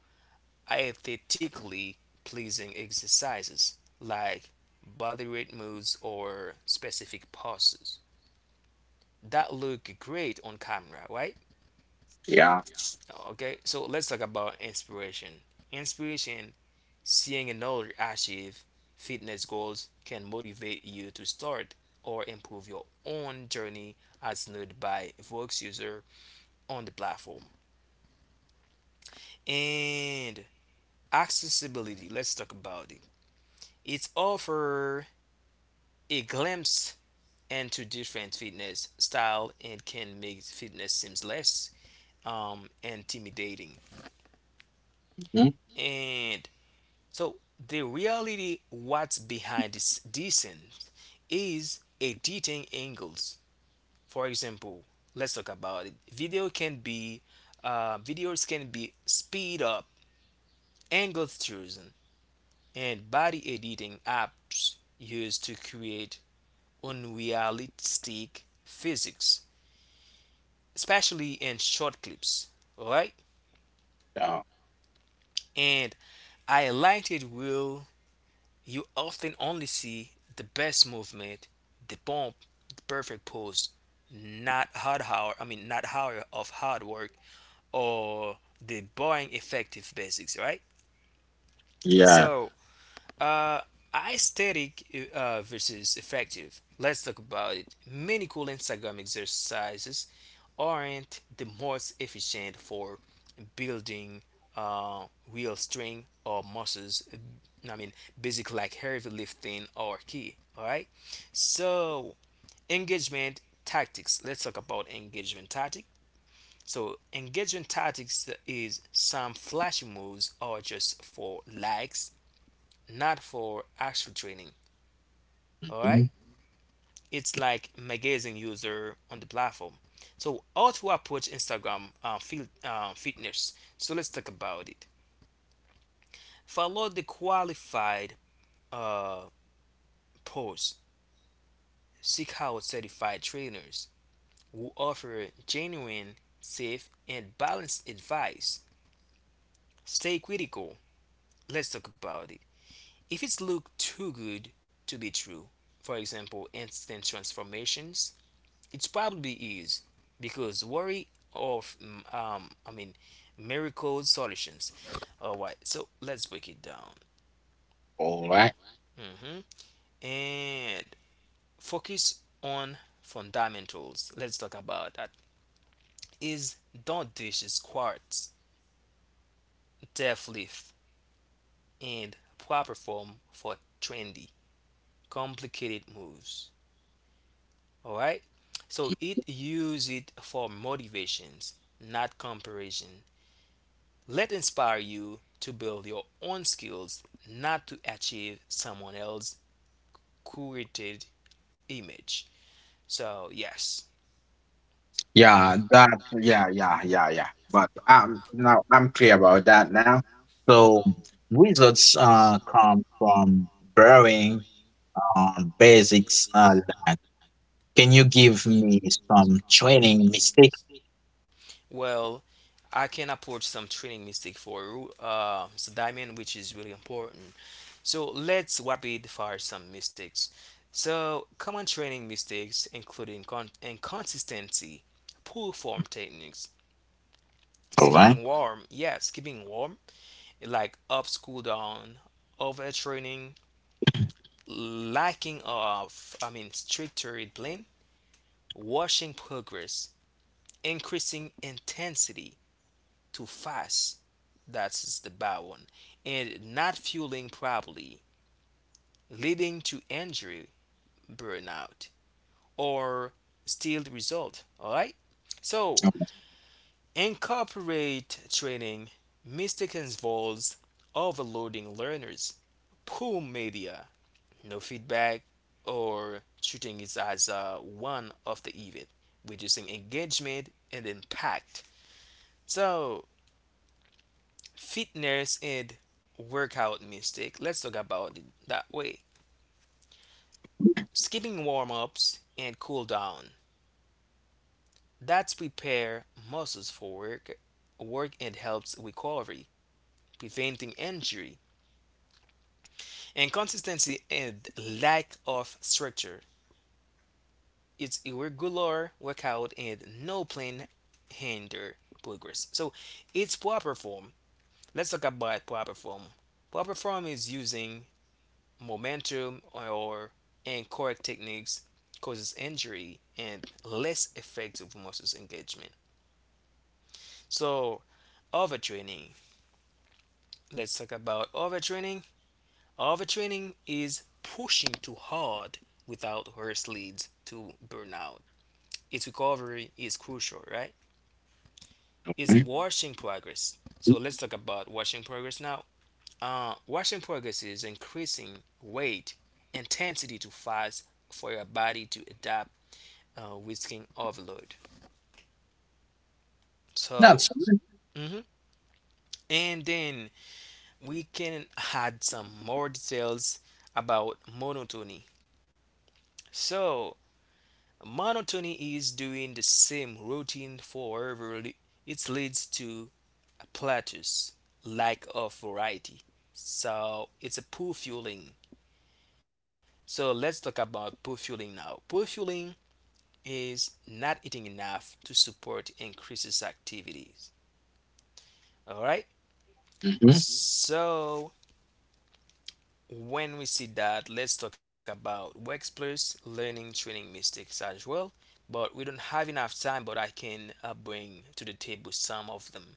S1: aesthetically pleasing exercises like body weight moves or specific poses that look great on camera, right?
S2: yeah,
S1: Okay, so let's talk about inspiration. Inspiration, seeing another achieve fitness goals, can motivate you to start or improve your own journey as noted by Vox user on the platform. And accessibility, let's talk about it. It offers a glimpse and to different fitness style and can make fitness seems less intimidating.
S2: mhm,
S1: And so the reality what's behind this descent is editing angles. For example, let's talk about it. Videos can be speed up, angles chosen, and body editing apps used to create unrealistic physics, especially in short clips. Alright?
S2: yeah,
S1: And highlighted will you often only see the best movement, the bump, the perfect pose, not hard hour, I mean not hour of hard work or the boring effective basics, right?
S2: yeah.
S1: So uh, aesthetic versus effective. Let's talk about it. Many cool Instagram exercises aren't the most efficient for building uh, real strength or muscles. I mean, basic like heavy lifting or key. All right. So engagement tactics. Let's talk about engagement tactic. So engagement tactics is some flashy moves or just for likes, not for actual training. All
S2: Mhm.
S1: right, it's like magazine user on the platform. So how to approach Instagram fitness? So let's talk about it. Follow the qualified uh, posts. Seek out certified trainers who offer genuine, safe, and balanced advice. Stay critical. Let's talk about it. If it's look too good to be true, for example, instant transformations, it's probably is because worry of I mean miracle solutions. All right, so let's break it down.
S2: All right.
S1: Hmm And focus on fundamentals. Let's talk about that. Is don't dish is quartz, death leaf, and proper form for trendy, complicated moves. All right. So it use it for motivations, not comparison. Let it inspire you to build your own skills, not to achieve someone else's curated image. So yes,
S2: Yeah, that. Yeah, yeah, yeah, yeah. But now I'm clear about that now. So results come from borrowing on basics. Like, can you give me some training mistakes?
S1: well, I can approach some training mistake for you, so diamond, which is really important. So let's rapid fire some mistakes. So common training mistakes including inconsistency, poor form techniques,
S2: All right.
S1: skipping warm, yeah, skipping warm, like up, school down, overtraining, lacking of, I mean, stricter blame, washing progress, increasing intensity too fast. That's the bad one. And not fueling properly, leading to injury, burnout, or still the result. All right. So
S2: All
S1: incorporate training. Mistakes involves overloading learners, poor media, no feedback or treating it as one of the event, reducing engagement and impact. So, fitness and workout mistake. Let's talk about it that way. Skipping warm ups and cool down. That's prepare muscles for work, work and helps recovery, preventing injury, inconsistency and lack of structure. Its irregular workout and no plan hinder progress. So its proper form. Let's talk about proper form. Proper form is using momentum or incorrect techniques causes injury and less effective muscles engagement. So overtraining. Let's talk about overtraining. Overtraining is pushing too hard without rest leads to burnout. Its recovery is crucial, right? Is
S2: right.
S1: washing progress. So let's talk about washing progress now. Washing progress is increasing weight intensity too fast for your body to adapt, risking overload. So,
S2: That's
S1: mhm, and then we can add some more details about monotony. So, monotony is doing the same routine forever. It leads to plateaus, lack of variety. So it's a poor fueling. So let's talk about poor fueling now. Poor fueling is not eating enough to support increases activities. All right.
S2: mm-hmm.
S1: So when we see that, let's talk about workplace learning training mistakes as well. But we don't have enough time, but I can bring to the table some of them.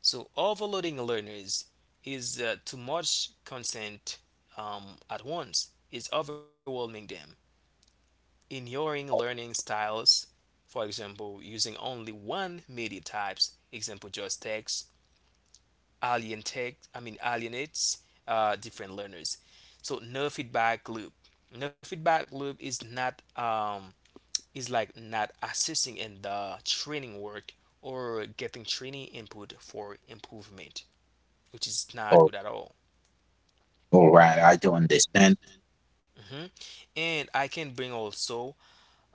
S1: So overloading learners is too much content at once is overwhelming them. Ignoring learning styles, for example, using only one media types, example just text, alien text, I mean alienates different learners. So no feedback loop. No feedback loop is not is like not assisting in the training work or getting training input for improvement which is
S2: all,
S1: not good at all.
S2: all right. I do understand.
S1: Hmm And I can bring also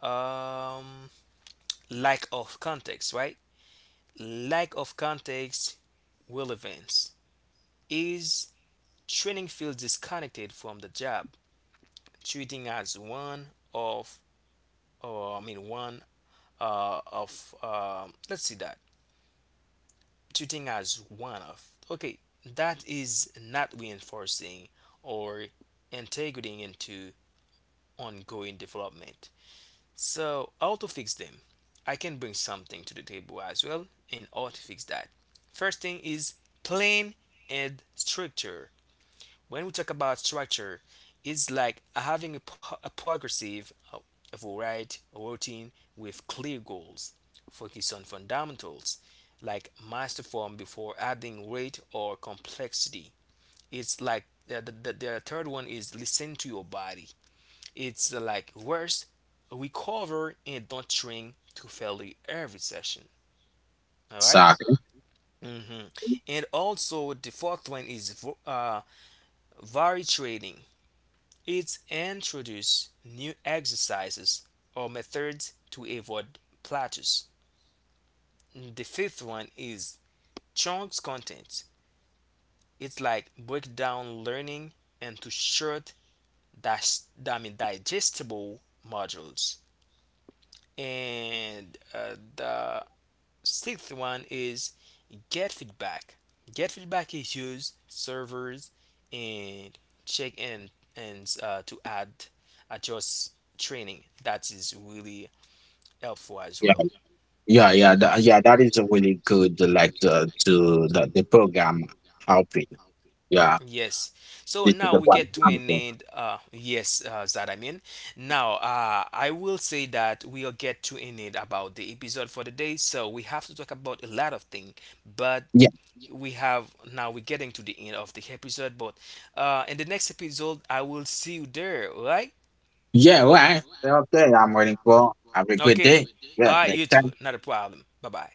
S1: um, lack of context, right? Lack of context relevance is training feels disconnected from the job, treating as one of, or I mean one let's see that treating as one of. Okay, that is not reinforcing or integrating into ongoing development. So, how to fix them? I can bring something to the table as well and how to fix that. First thing is plan and structure. When we talk about structure, it's like having a, a progressive of a right routine with clear goals. Focus on fundamentals like master form before adding weight or complexity. It's like the third one is listen to your body it's like worse we cover and don't train to failure every session. All right.
S2: Exactly.
S1: Mm-hmm. And also, the fourth one is vari trading. It's introduce new exercises or methods to avoid plateaus. The fifth one is chunks content. It's like break down learning into short, dash, I mean, digestible modules. And the sixth one is get feedback. Get feedback is use servers and check in and to add adjust training. That is really helpful as
S2: Yeah,
S1: well.
S2: yeah. That is a really good, like, the program helping. Yeah,
S1: Yes. So
S2: this is
S1: now
S2: the
S1: we
S2: one.
S1: get to an
S2: Example.
S1: end. Yes, that I mean. Now, I will say that we'll get to an end about the episode for the day. So we have to talk about a lot of things, but
S2: Yeah,
S1: we have now we're getting to the end of the episode. But in the next episode, I will see you there. All right?
S2: yeah, all right. Okay, I'm waiting for. Have a good
S1: Okay.
S2: day.
S1: All
S2: Yeah,
S1: right,
S2: next
S1: you too.
S2: time.
S1: Not a problem. Bye bye.